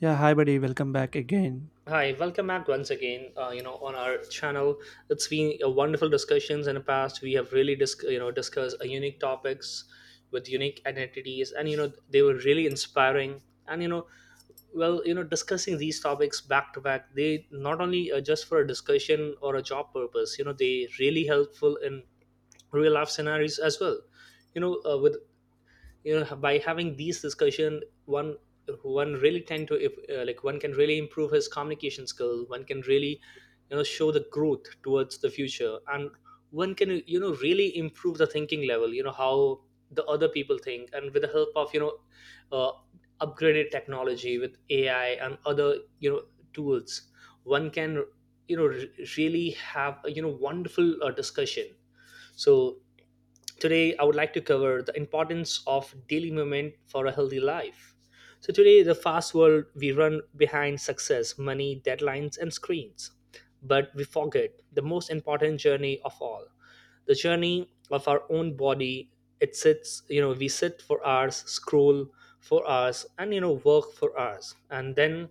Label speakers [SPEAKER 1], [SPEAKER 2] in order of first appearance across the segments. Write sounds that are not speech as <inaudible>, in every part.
[SPEAKER 1] Yeah, hi buddy, welcome back again.
[SPEAKER 2] Hi, welcome back once again. On our channel, it's been a wonderful discussions in the past. We have really discussed unique topics with unique identities, and they were really inspiring. And you know, well, you know, discussing these topics back to back, they not only just for a discussion or a job purpose. They really helpful in real life scenarios as well. With by having these discussion, one one really tend to, if like, one can really improve his communication skill, one can really show the growth towards the future, and one can really improve the thinking level, how the other people think, and with the help of uh, upgraded technology with AI and other tools, one can you know re- really have a wonderful discussion. So today, I would like to cover the importance of daily movement for a healthy life. So, today, the fast world, we run behind success, money, deadlines, and screens. But we forget the most important journey of all, the journey of our own body. It sits, we sit for hours, scroll for hours, and work for hours, and then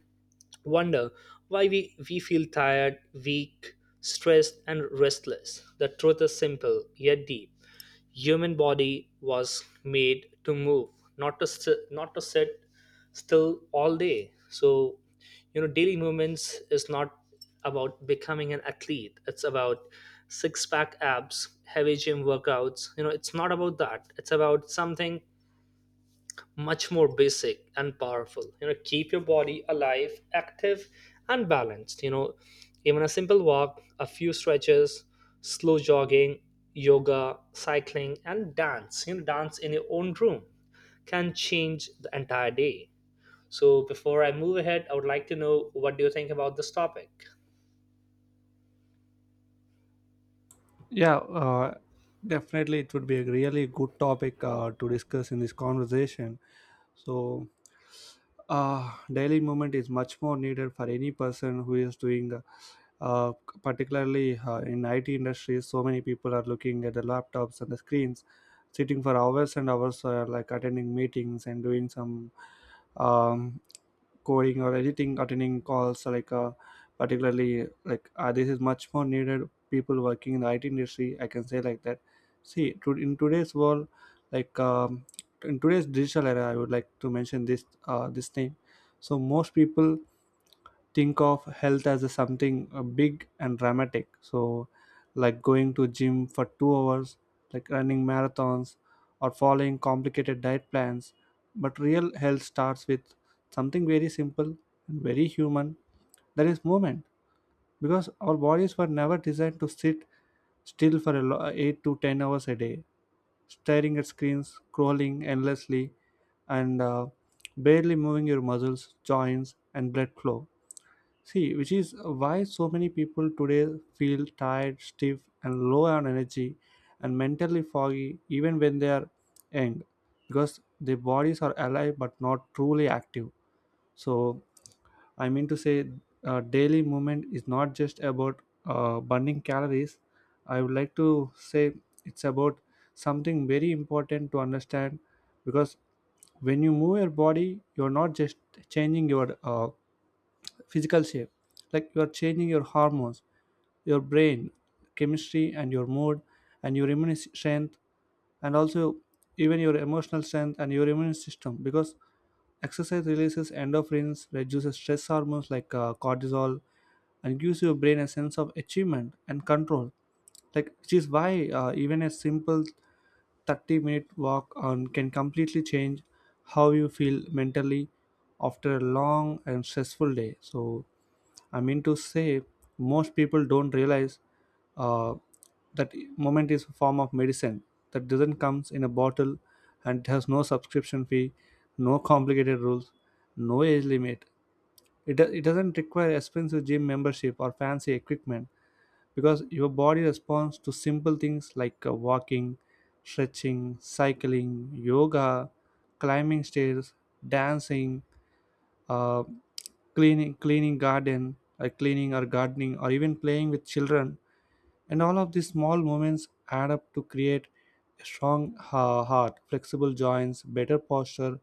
[SPEAKER 2] wonder why we feel tired, weak, stressed, and restless. The truth is simple yet deep, human body was made to move, not to sit still all day. So, daily movements is not about becoming an athlete, it's about six pack abs, heavy gym workouts. It's not about that, it's about something much more basic and powerful. Keep your body alive, active, and balanced. Even a simple walk, a few stretches, slow jogging, yoga, cycling, and dance, dance in your own room can change the entire day. So before I move ahead, I would like to know, what do you think about this topic?
[SPEAKER 1] Yeah, definitely it would be a really good topic to discuss in this conversation. So daily movement is much more needed for any person who is doing uh, particularly in IT industries. So many people are looking at the laptops and the screens, sitting for hours and hours, like attending meetings and doing some um, coding or editing, attending calls, like particularly like this is much more needed people working in the IT industry, I can say like that. In today's world, like um, in today's digital era, I would like to mention this this thing. So most people think of health as a something big and dramatic, so like going to gym for 2 hours, like running marathons or following complicated diet plans. But real health starts with something very simple and very human, that is movement, because our bodies were never designed to sit still for 8 to 10 hours a day, staring at screens, scrolling endlessly, and barely moving your muscles, joints, and blood flow. See, which is why so many people today feel tired, stiff, and low on energy, and mentally foggy, even when they are young, because their bodies are alive but not truly active. So, I mean to say, daily movement is not just about burning calories. I would like to say it's about something very important to understand, because when you move your body, you're not just changing your physical shape, like you are changing your hormones, your brain chemistry, and your mood, and your strength, and also even your emotional strength and your immune system. Because exercise releases endorphins, reduces stress hormones like cortisol, and gives your brain a sense of achievement and control, like which is why, even a simple 30-minute walk on can completely change how you feel mentally after a long and stressful day. So I mean to say, most people don't realize uh, that moment is a form of medicine that doesn't comes in a bottle, and it has no subscription fee, no complicated rules, no age limit. It doesn't require expensive gym membership or fancy equipment, because your body responds to simple things like walking, stretching, cycling, yoga, climbing stairs, dancing, uh, cleaning garden, cleaning or gardening, or even playing with children. And all of these small moments add up to create a strong heart, flexible joints, better posture,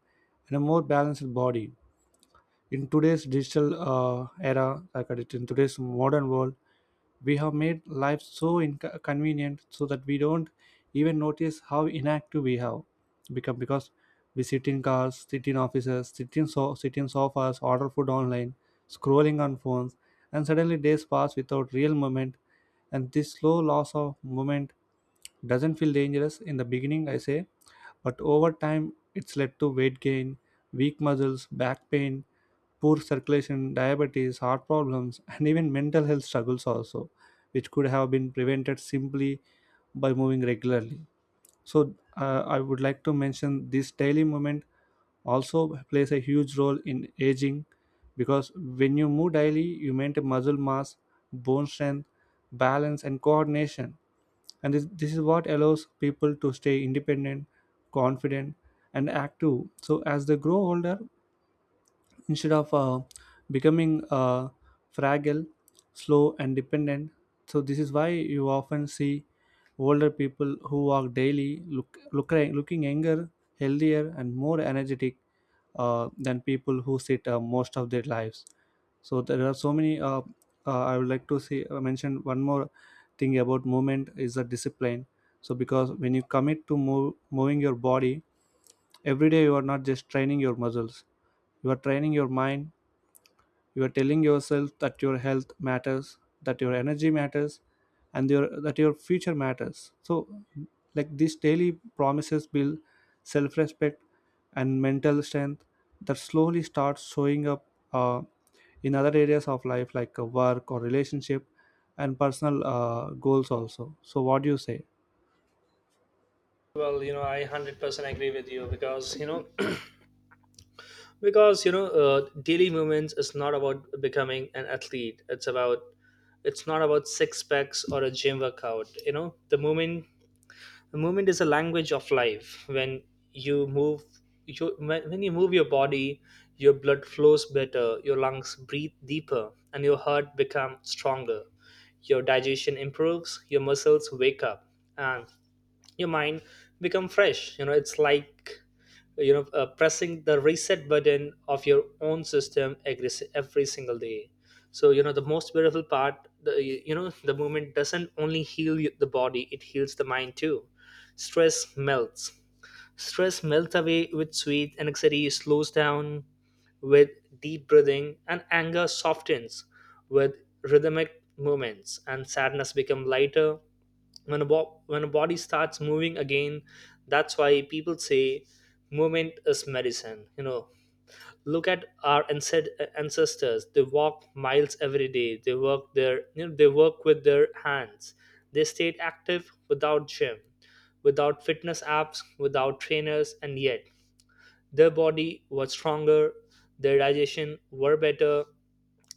[SPEAKER 1] and a more balanced body. In today's digital era like in today's modern world, we have made life so convenient, so that we don't even notice how inactive we have become. Because we sit in cars, sit in offices, sit in sofas, order food online, scrolling on phones, and suddenly days pass without real moment. And this slow loss of movement doesn't feel dangerous in the beginning, I say, but over time it's led to weight gain, weak muscles, back pain, poor circulation, diabetes, heart problems, and even mental health struggles also, which could have been prevented simply by moving regularly. So I would like to mention this daily movement also plays a huge role in aging, because when you move daily, you maintain muscle mass, bone strength, balance, and coordination. And this is what allows people to stay independent, confident, and active. So as they grow older, instead of becoming fragile, slow, and dependent. So this is why you often see older people who walk daily looking younger, healthier, and more energetic than people who sit most of their lives. So there are so many I would like to say mention one more thing. About movement is a discipline, so because when you moving your body every day, you are not just training your muscles, you are training your mind. You are telling yourself that your health matters, that your energy matters, and your that your future matters. So like these daily promises build self-respect and mental strength that slowly starts showing up uh, in other areas of life, like work or relationship and personal goals also. So what do you say?
[SPEAKER 2] Well, I 100% agree with you, because you know daily movements is not about becoming an athlete, it's not about six packs or a gym workout. The movement is a language of life. When you move you when, when you move your body, your blood flows better, your lungs breathe deeper, and your heart becomes stronger. Your digestion improves, your muscles wake up, and your mind become fresh. It's like pressing the reset button of your own system every single day. So the most beautiful part, the you know the movement doesn't only heal the body, it heals the mind too. Stress melts stress melts away with sweet, anxiety slows down with deep breathing, and anger softens with rhythmic movements, and sadness become lighter when when a body starts moving again. That's why people say movement is medicine. Look at our ancestors, they walk miles every day, they work their you know they work with their hands, they stayed active without gym, without fitness apps, without trainers, and yet their body was stronger, their digestion were better,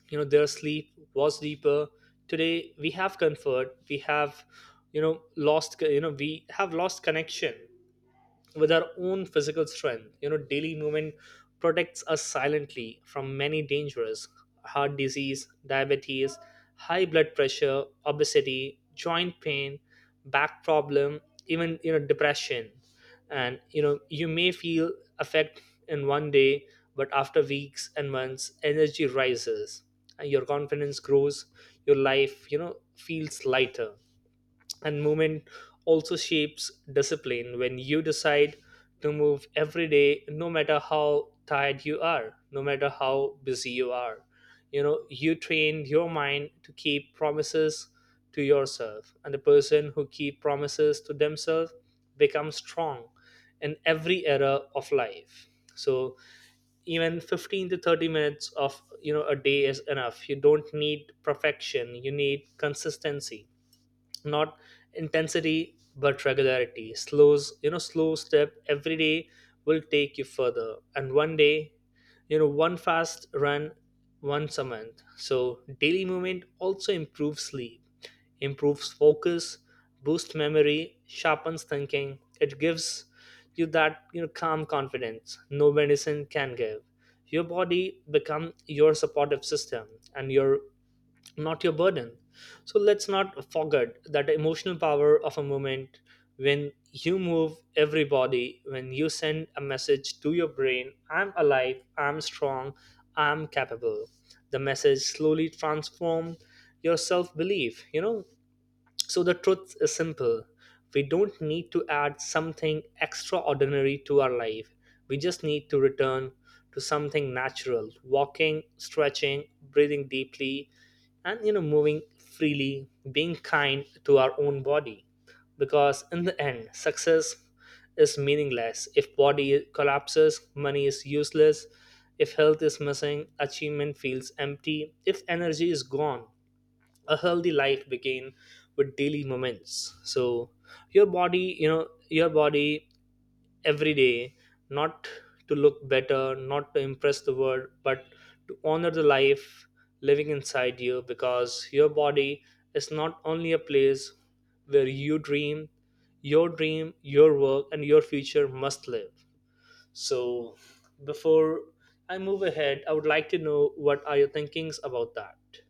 [SPEAKER 2] their sleep was deeper. Today we have comfort, we have you know lost you know we have lost connection with our own physical strength. Daily movement protects us silently from many dangers: heart disease, diabetes, high blood pressure, obesity, joint pain, back problem, even depression. You may feel effect in one day, but after weeks and months, energy rises and your confidence grows, your life, feels lighter. And movement also shapes discipline. When you decide to move every day, no matter how tired you are, no matter how busy you are, you train your mind to keep promises to yourself. And the person who keep promises to themselves becomes strong in every era of life. So even 15 to 30 minutes of a day is enough. You don't need perfection, you need consistency, not intensity but regularity. Slows you know Slow step every day will take you further, and one day, one fast run once a month. So daily movement also improves sleep, improves focus, boosts memory, sharpens thinking. It gives you that calm confidence no medicine can give. Your body become your supportive system, and your, not your burden. So let's not forget that emotional power of a moment. When you move every body, when you send a message to your brain: I'm alive, I'm strong, I'm capable. The message slowly transforms your self belief. So the truth is simple. We don't need to add something extraordinary to our life. We just need to return to something natural: walking, stretching, breathing deeply, and moving freely, being kind to our own body. Because in the end, success is meaningless. If body collapses, money is useless. If health is missing, achievement feels empty. If energy is gone, a healthy life begin with daily moments. So your body every day, not to look better, not to impress the world, but to honor the life living inside you. Because your body is not only a place where you dream, your dream, your work, and your future must live. So before I move ahead, I would like to know, what are your thinkings about that?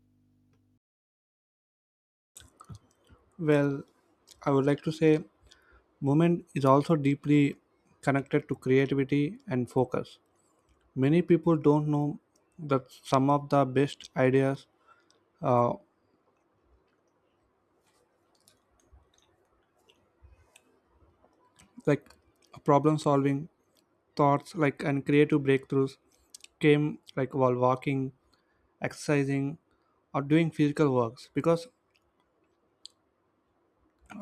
[SPEAKER 1] Well, I would like to say movement is also deeply connected to creativity and focus. Many people don't know that some of the best ideas, like problem solving thoughts, like and creative breakthroughs, came like while walking, exercising, or doing physical works. Because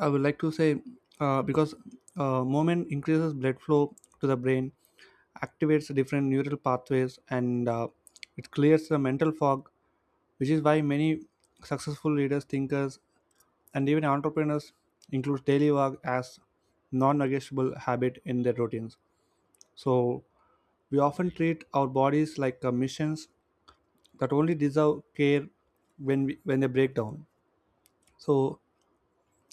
[SPEAKER 1] I would like to say, because movement increases blood flow to the brain, activates different neural pathways, and it clears the mental fog, which is why many successful leaders, thinkers, and even entrepreneurs include daily work as non-negotiable habit in their routines. So we often treat our bodies like missions that only deserve care when when they break down. So,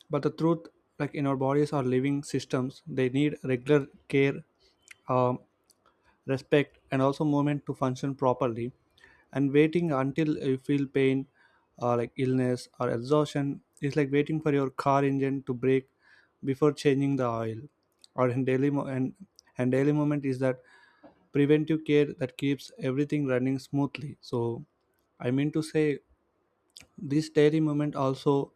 [SPEAKER 1] but the truth, like in our bodies are living systems, they need regular care, um, respect, and also movement to function properly. And waiting until you feel pain, or like illness or exhaustion, is like waiting for your car engine to brake before changing the oil. Or in daily mo- And daily moment is that preventive care that keeps everything running smoothly. So I mean to say, this daily moment also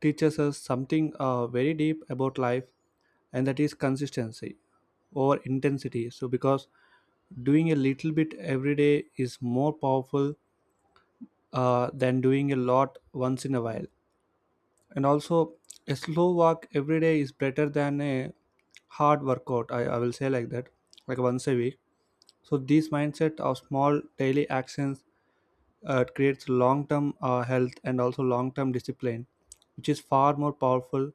[SPEAKER 1] teaches us something very deep about life, and that is consistency over intensity. So, because doing a little bit every day is more powerful than doing a lot once in a while. And also, a slow walk every day is better than a hard workout. I will say like that, like once a week. So, this mindset of small daily actions creates long term health and also long term discipline, which is far more powerful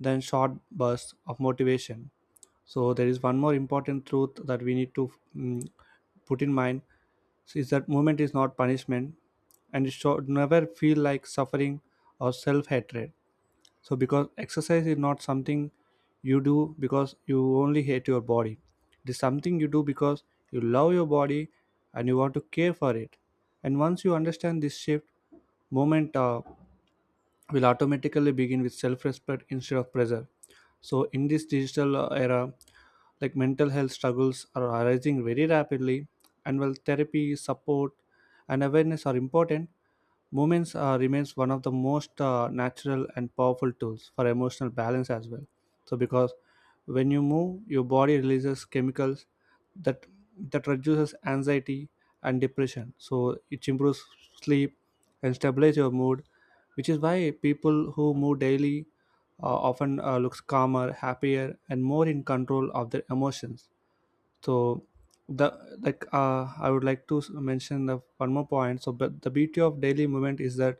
[SPEAKER 1] than short bursts of motivation. So, there is one more important truth that we need to put in mind, is that moment is not punishment, and it should never feel like suffering or self-hatred. So because exercise is not something you do because you only hate your body, it is something you do because you love your body and you want to care for it. And once you understand this shift, moment will automatically begin with self-respect instead of pressure. So in this digital era, like mental health struggles are arising very rapidly, and while therapy support and awareness are important, movements remains one of the most natural and powerful tools for emotional balance as well. So because when you move, your body releases chemicals that that reduces anxiety and depression. So it improves sleep and stabilize your mood, which is why people who move daily often looks calmer, happier, and more in control of their emotions. So the like I would like to mention the one more point. So but the beauty of daily movement is that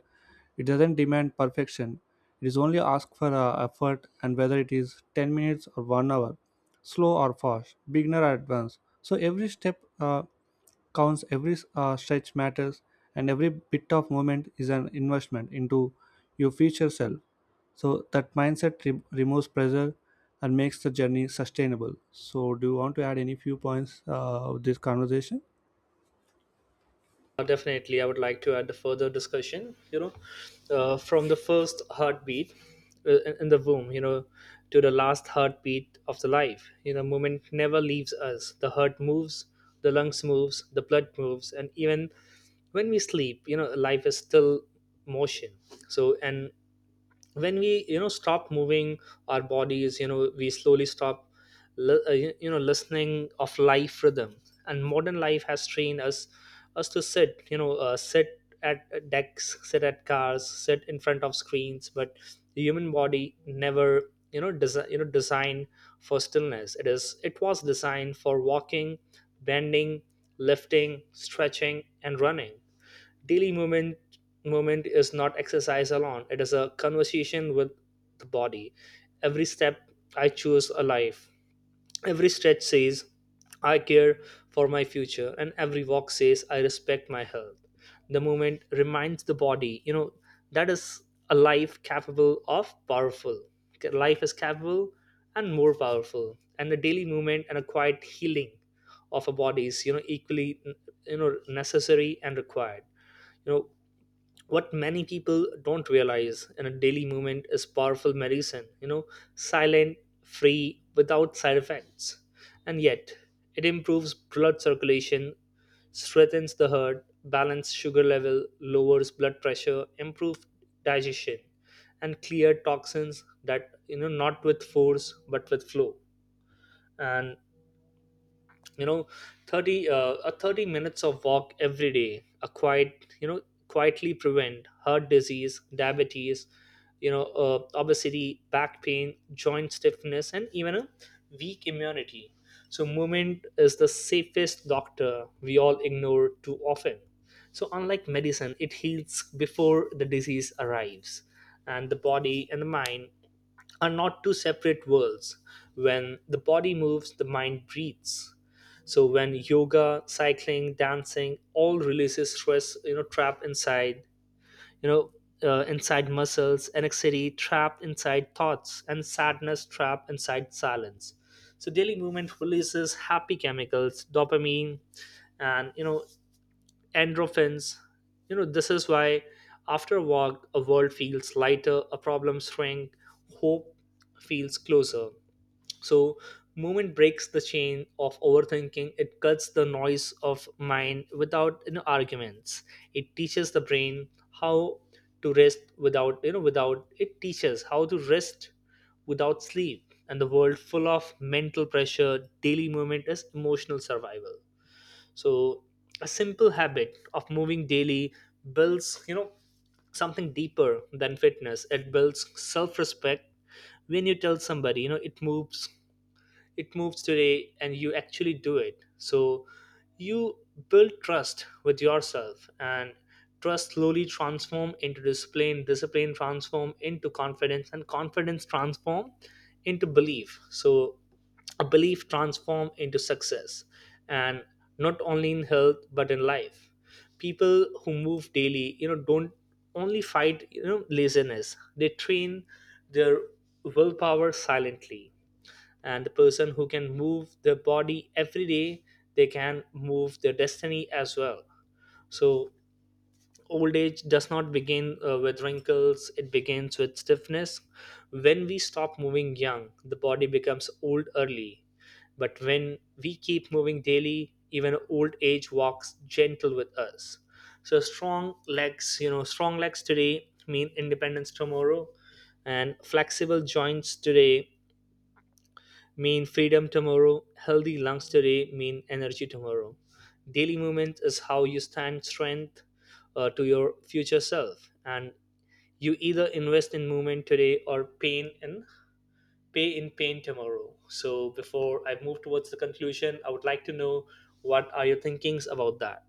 [SPEAKER 1] it doesn't demand perfection, it is only ask for effort, and whether it is 10 minutes or 1 hour, slow or fast, beginner or advanced, so every step counts, every stretch matters, and every bit of movement is an investment into your future self. So that mindset removes pressure and makes the journey sustainable. So, do you want to add any few points of this conversation?
[SPEAKER 2] Definitely, I would like to add a further discussion. From the first heartbeat in the womb, to the last heartbeat of the life, movement never leaves us. The heart moves, the lungs moves, the blood moves, and even when we sleep, life is still motion. So, and when we stop moving our bodies, we slowly stop listening of life rhythm. And modern life has trained us to sit, sit at decks, sit at cars, sit in front of screens. But the human body never designed for stillness. It was designed for walking, bending, lifting, stretching, and running. Daily movement is not exercise alone, it is a conversation with the body. Every step, I choose a life. Every stretch says, I care for my future. And every walk says, I respect my health. The movement reminds the body, that is a life capable of powerful. Okay, life is capable and more powerful. And the daily movement and a quiet healing of a body is equally necessary and required you know what many people don't realize in a daily movement is powerful medicine, silent, free, without side effects. And yet it improves blood circulation, strengthens the heart, balance sugar level, lowers blood pressure, improves digestion, and clear toxins, that not with force but with flow. And you know 30, a 30 minutes of walk every day, a quiet you know quietly prevent heart disease, diabetes, obesity, back pain, joint stiffness, and even a weak immunity. So movement is the safest doctor we all ignore too often. So unlike medicine, it heals before the disease arrives. And the body and the mind are not two separate worlds. When the body moves, the mind breathes. So when yoga, cycling, dancing all releases stress, trapped inside, you know inside muscles, anxiety trapped inside thoughts, and sadness trapped inside silence. So daily movement releases happy chemicals, dopamine, and endorphins. This is why after a walk, a world feels lighter, a problem shrink, hope feels closer. So, movement breaks the chain of overthinking. It cuts the noise of mind without, arguments. It teaches the brain how to rest without, without it teaches how to rest without sleep. And the world full of mental pressure, daily movement is emotional survival. So, a simple habit of moving daily builds something deeper than fitness. It builds self-respect when you tell somebody it moves today and you actually do it, so you build trust with yourself, and trust slowly transform into discipline, discipline transform into confidence, and confidence transform into belief, so a belief transform into success, and not only in health but in life. People who move daily don't only fight laziness, they train their willpower silently, and the person who can move their body every day, they can move their destiny as well. So old age does not begin with wrinkles, it begins with stiffness. When we stop moving young, the body becomes old early, but when we keep moving daily, even old age walks gentle with us. So strong legs, strong legs today mean independence tomorrow, and flexible joints today mean freedom tomorrow. Healthy lungs today mean energy tomorrow. Daily movement is how you stand strength to your future self. And you either invest in movement today or pain in pay in pain tomorrow. So before I move towards the conclusion, I would like to know what are your thinkings about that.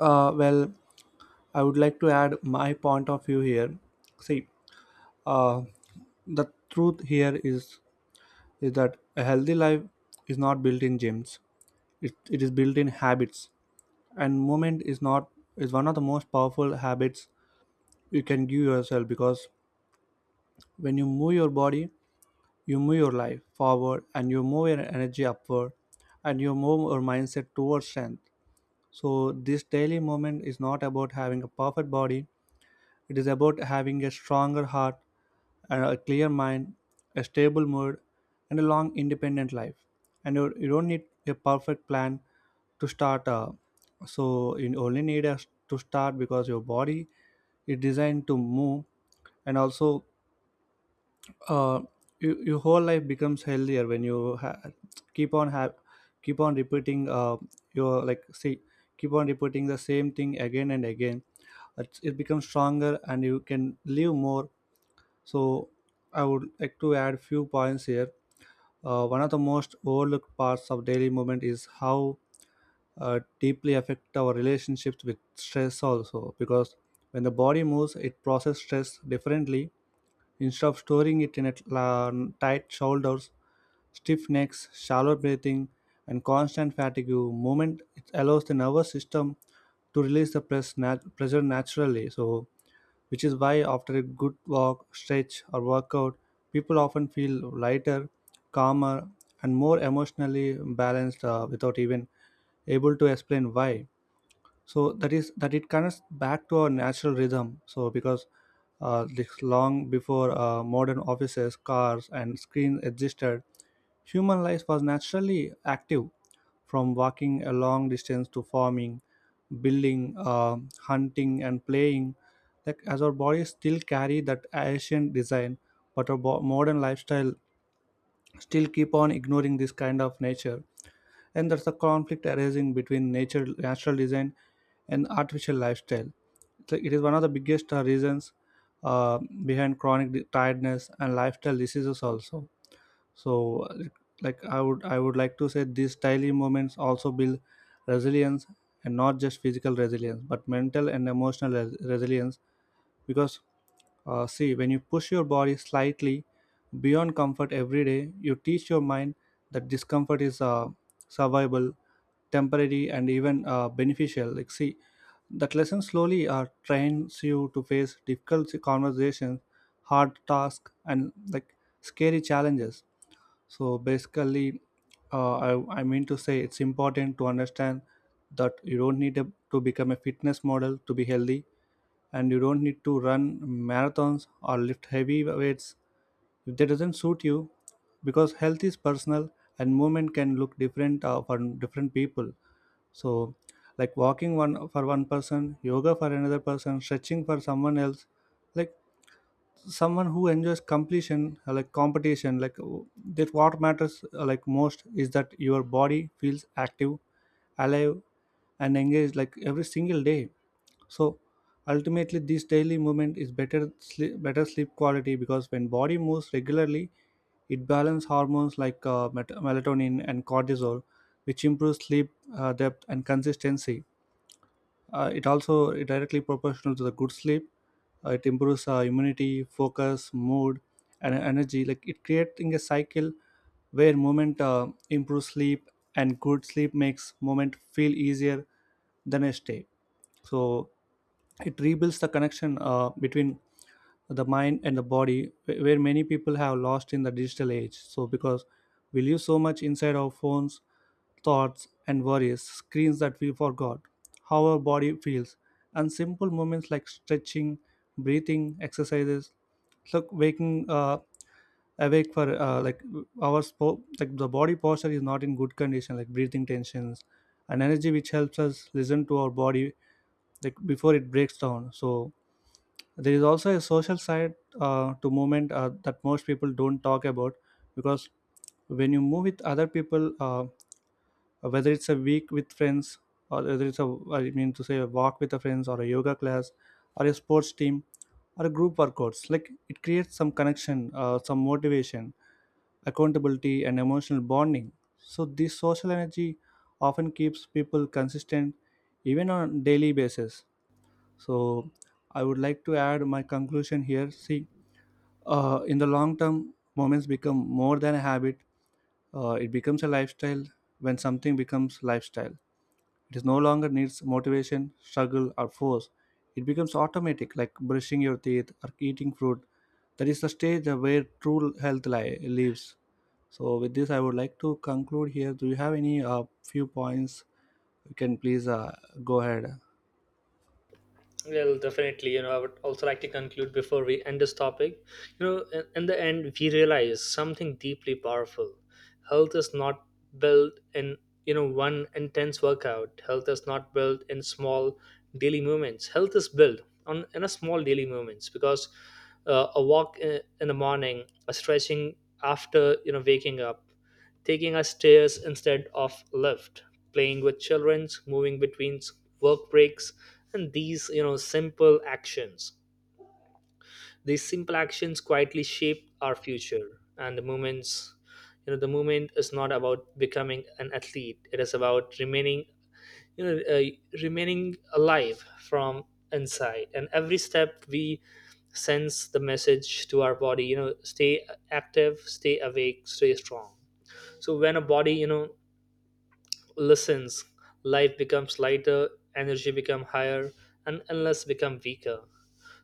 [SPEAKER 1] Well, I would like to add my point of view here. See, uh, the truth here is that a healthy life is not built in gyms. It is built in habits, and movement is not is one of the most powerful habits you can give yourself, because when you move your body, you move your life forward, and you move your energy upward, and you move your mindset towards strength. So this daily movement is not about having a perfect body, it is about having a stronger heart and a clear mind, a stable mood, and a long independent life. And you don't need a perfect plan to start, so you only need us to start, because your body is designed to move. And also, uh, you, your whole life becomes healthier when you keep on have keep on repeating your like see keep on repeating the same thing again and again, it becomes stronger and you can live more. So I would like to add few points here. One of the most overlooked parts of daily movement is how deeply affect our relationships with stress also, because when the body moves it processes stress differently. Instead of storing it in a tight shoulders, stiff necks, shallow breathing, and constant fatigue, movement, it allows the nervous system to release the pressure naturally. So, which is why after a good walk, stretch, or workout, people often feel lighter, calmer, and more emotionally balanced without even able to explain why. So that is that it connects back to our natural rhythm. So because this long before modern offices, cars, and screens existed, human life was naturally active, from walking a long distance to farming, building, hunting, and playing, like as our bodies still carry that ancient design. But modern lifestyle still keep on ignoring this kind of nature, and there's a conflict arising between nature natural design and artificial lifestyle. So it is one of the biggest reasons uh, behind tiredness and lifestyle diseases also. So like I would like to say these daily moments also build resilience, and not just physical resilience but mental and emotional resilience. Because see, when you push your body slightly beyond comfort every day, you teach your mind that discomfort is survivable, temporary, and even beneficial. Like, see, that lesson slowly trains you to face difficult conversations, hard tasks, and like scary challenges. So basically, I mean to say it's important to understand that you don't need a, to become a fitness model to be healthy, and you don't need to run marathons or lift heavy weights if that doesn't suit you, because health is personal and movement can look different for different people. So, like walking one for one person, yoga for another person, stretching for someone else, like someone who enjoys completion, like competition, like w- that what matters like most is that your body feels active, alive, and engaged like every single day. So ultimately, this daily movement is better sleep quality, because when body moves regularly, it balances hormones like melatonin and cortisol, which improves sleep depth and consistency. It also is directly proportional to the good sleep. It improves immunity, focus, mood, and energy, like it creating a cycle where movement improves sleep, and good sleep makes movement feel easier the next day. So it rebuilds the connection between the mind and the body where many people have lost in the digital age. So because we live so much inside our phones, thoughts and worries, screens, that we forgot how our body feels. And simple moments like stretching, breathing exercises, look waking awake for like like the body posture is not in good condition, like breathing, tensions, and energy, which helps us listen to our body like before it breaks down. So there is also a social side to movement that most people don't talk about, because when you move with other people, whether it's a week with friends, or whether it's a, I mean to say, a walk with the friends, or a yoga class, or a sports team, or a group workouts, like it creates some connection, some motivation, accountability, and emotional bonding. So this social energy often keeps people consistent, even on daily basis. So I would like to add my conclusion here. See, in the long term, moments become more than a habit. It becomes a lifestyle. When something becomes lifestyle, it is no longer needs motivation, struggle, or force. It becomes automatic, like brushing your teeth or eating fruit. That is the stage where true lives. So, with this, I would like to conclude here. Do you have any few points? You can please go ahead.
[SPEAKER 2] Well, definitely. You know, I would also like to conclude before we end this topic. You know, in the end, we realize something deeply powerful. Health is not built in, you know, one intense workout. Health is not built in small daily movements. Health is built on in a small daily movements, because a walk in the morning, a stretching after waking up, taking a stairs instead of lift, playing with children, moving between work breaks, and these simple actions. These simple actions quietly shape our future, and the moments the movement is not about becoming an athlete, it is about remaining you know uh, remaining alive from inside. And every step we sends the message to our body, stay active, stay awake, stay strong. So when a body lessens, life becomes lighter, energy become higher, and endless become weaker.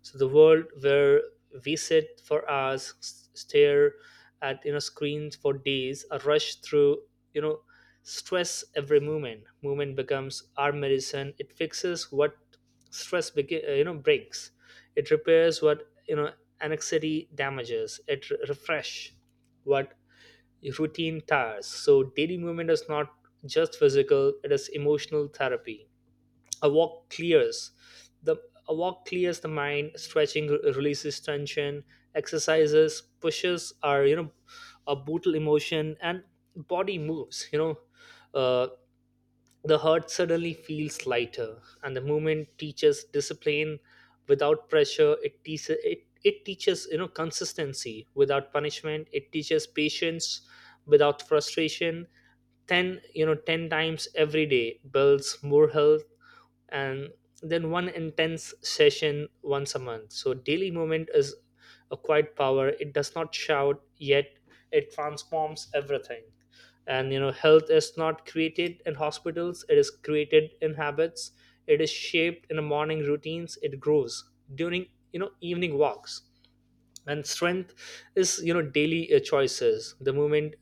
[SPEAKER 2] So the world where we sit for hours, stare at screens for days, or rush through you know stress every moment. Movement becomes our medicine. It fixes what stress breaks. It repairs what anxiety damages. It refresh what routine tasks. So daily movement is not just physical, it is emotional therapy. A walk clears the a walk clears the mind, stretching releases tension, exercises pushes our a brutal emotion, and body moves, you know. Uh, the heart suddenly feels lighter, and the movement teaches discipline without pressure. It teaches it teaches consistency without punishment. It teaches patience without frustration. Ten ten times every day builds more health and then one intense session once a month. So daily movement is a quiet power. It does not shout, yet it transforms everything. And you know, health is not created in hospitals, it is created in habits, it is shaped in the morning routines, it grows during evening walks, and strength is daily choices. The movement,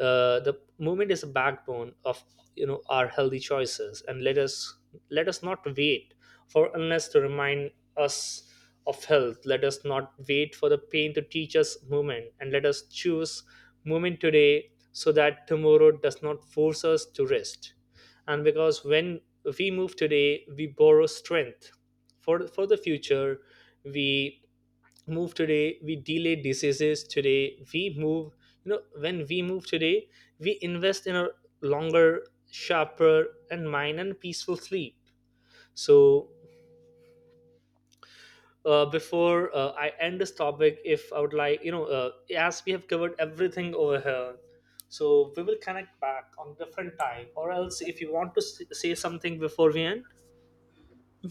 [SPEAKER 2] the movement is a backbone of our healthy choices. And let us not wait for illness to remind us of health, let us not wait for the pain to teach us movement, and let us choose movement today so that tomorrow does not force us to rest. And because when we move today, we borrow strength for the future. We move today, we delay diseases today, we move, when we move today, we invest in a longer sharper and mind and peaceful sleep. So before I end this topic, if I would like as we have covered everything over here, so we will connect back on different time, or else if you want to say something before we end.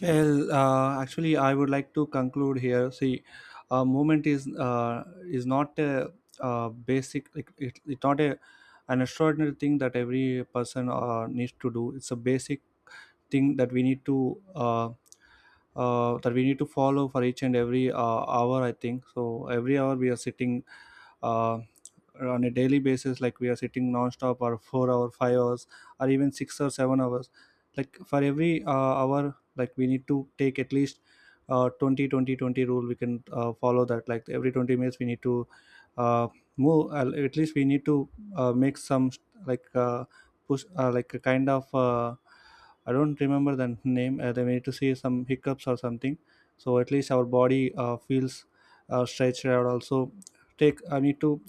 [SPEAKER 1] Well, actually, I would like to conclude here. See, movement is not a, basic. Like it, it's not a an extraordinary thing that every person needs to do. It's a basic thing that we need to uh, that we need to follow for each and every hour, I think so. Every hour we are sitting, uh, on a daily basis, like we are sitting non-stop or 4 hour 5 hours, or even 6 or 7 hours. Like for every hour, like we need to take at least, 20-20-20 rule we can follow that, like every 20 minutes we need to uh, move, at least we need to make some, like push, like a kind of I don't remember the name. They need to see some hiccups or something. So at least our body feels stretched out. Also, take I need to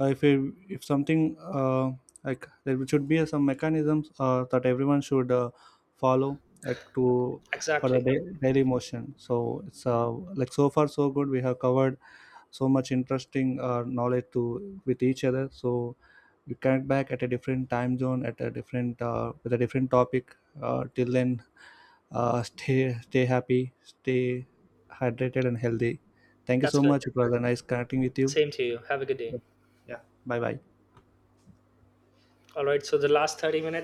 [SPEAKER 1] if it, if something like there should be some mechanisms that everyone should follow, like to, for a
[SPEAKER 2] Exactly.
[SPEAKER 1] daily motion. So it's like so far so good. We have covered so much interesting knowledge to with each other. So we connect back at a different time zone at a different with a different topic, till then, <laughs> stay happy, stay hydrated and healthy. Thank you
[SPEAKER 2] That's
[SPEAKER 1] so
[SPEAKER 2] good.
[SPEAKER 1] much, it was a nice connecting with you.
[SPEAKER 2] Same to you, have a good day.
[SPEAKER 1] Yeah, bye bye.
[SPEAKER 2] All right, so the last 30 minutes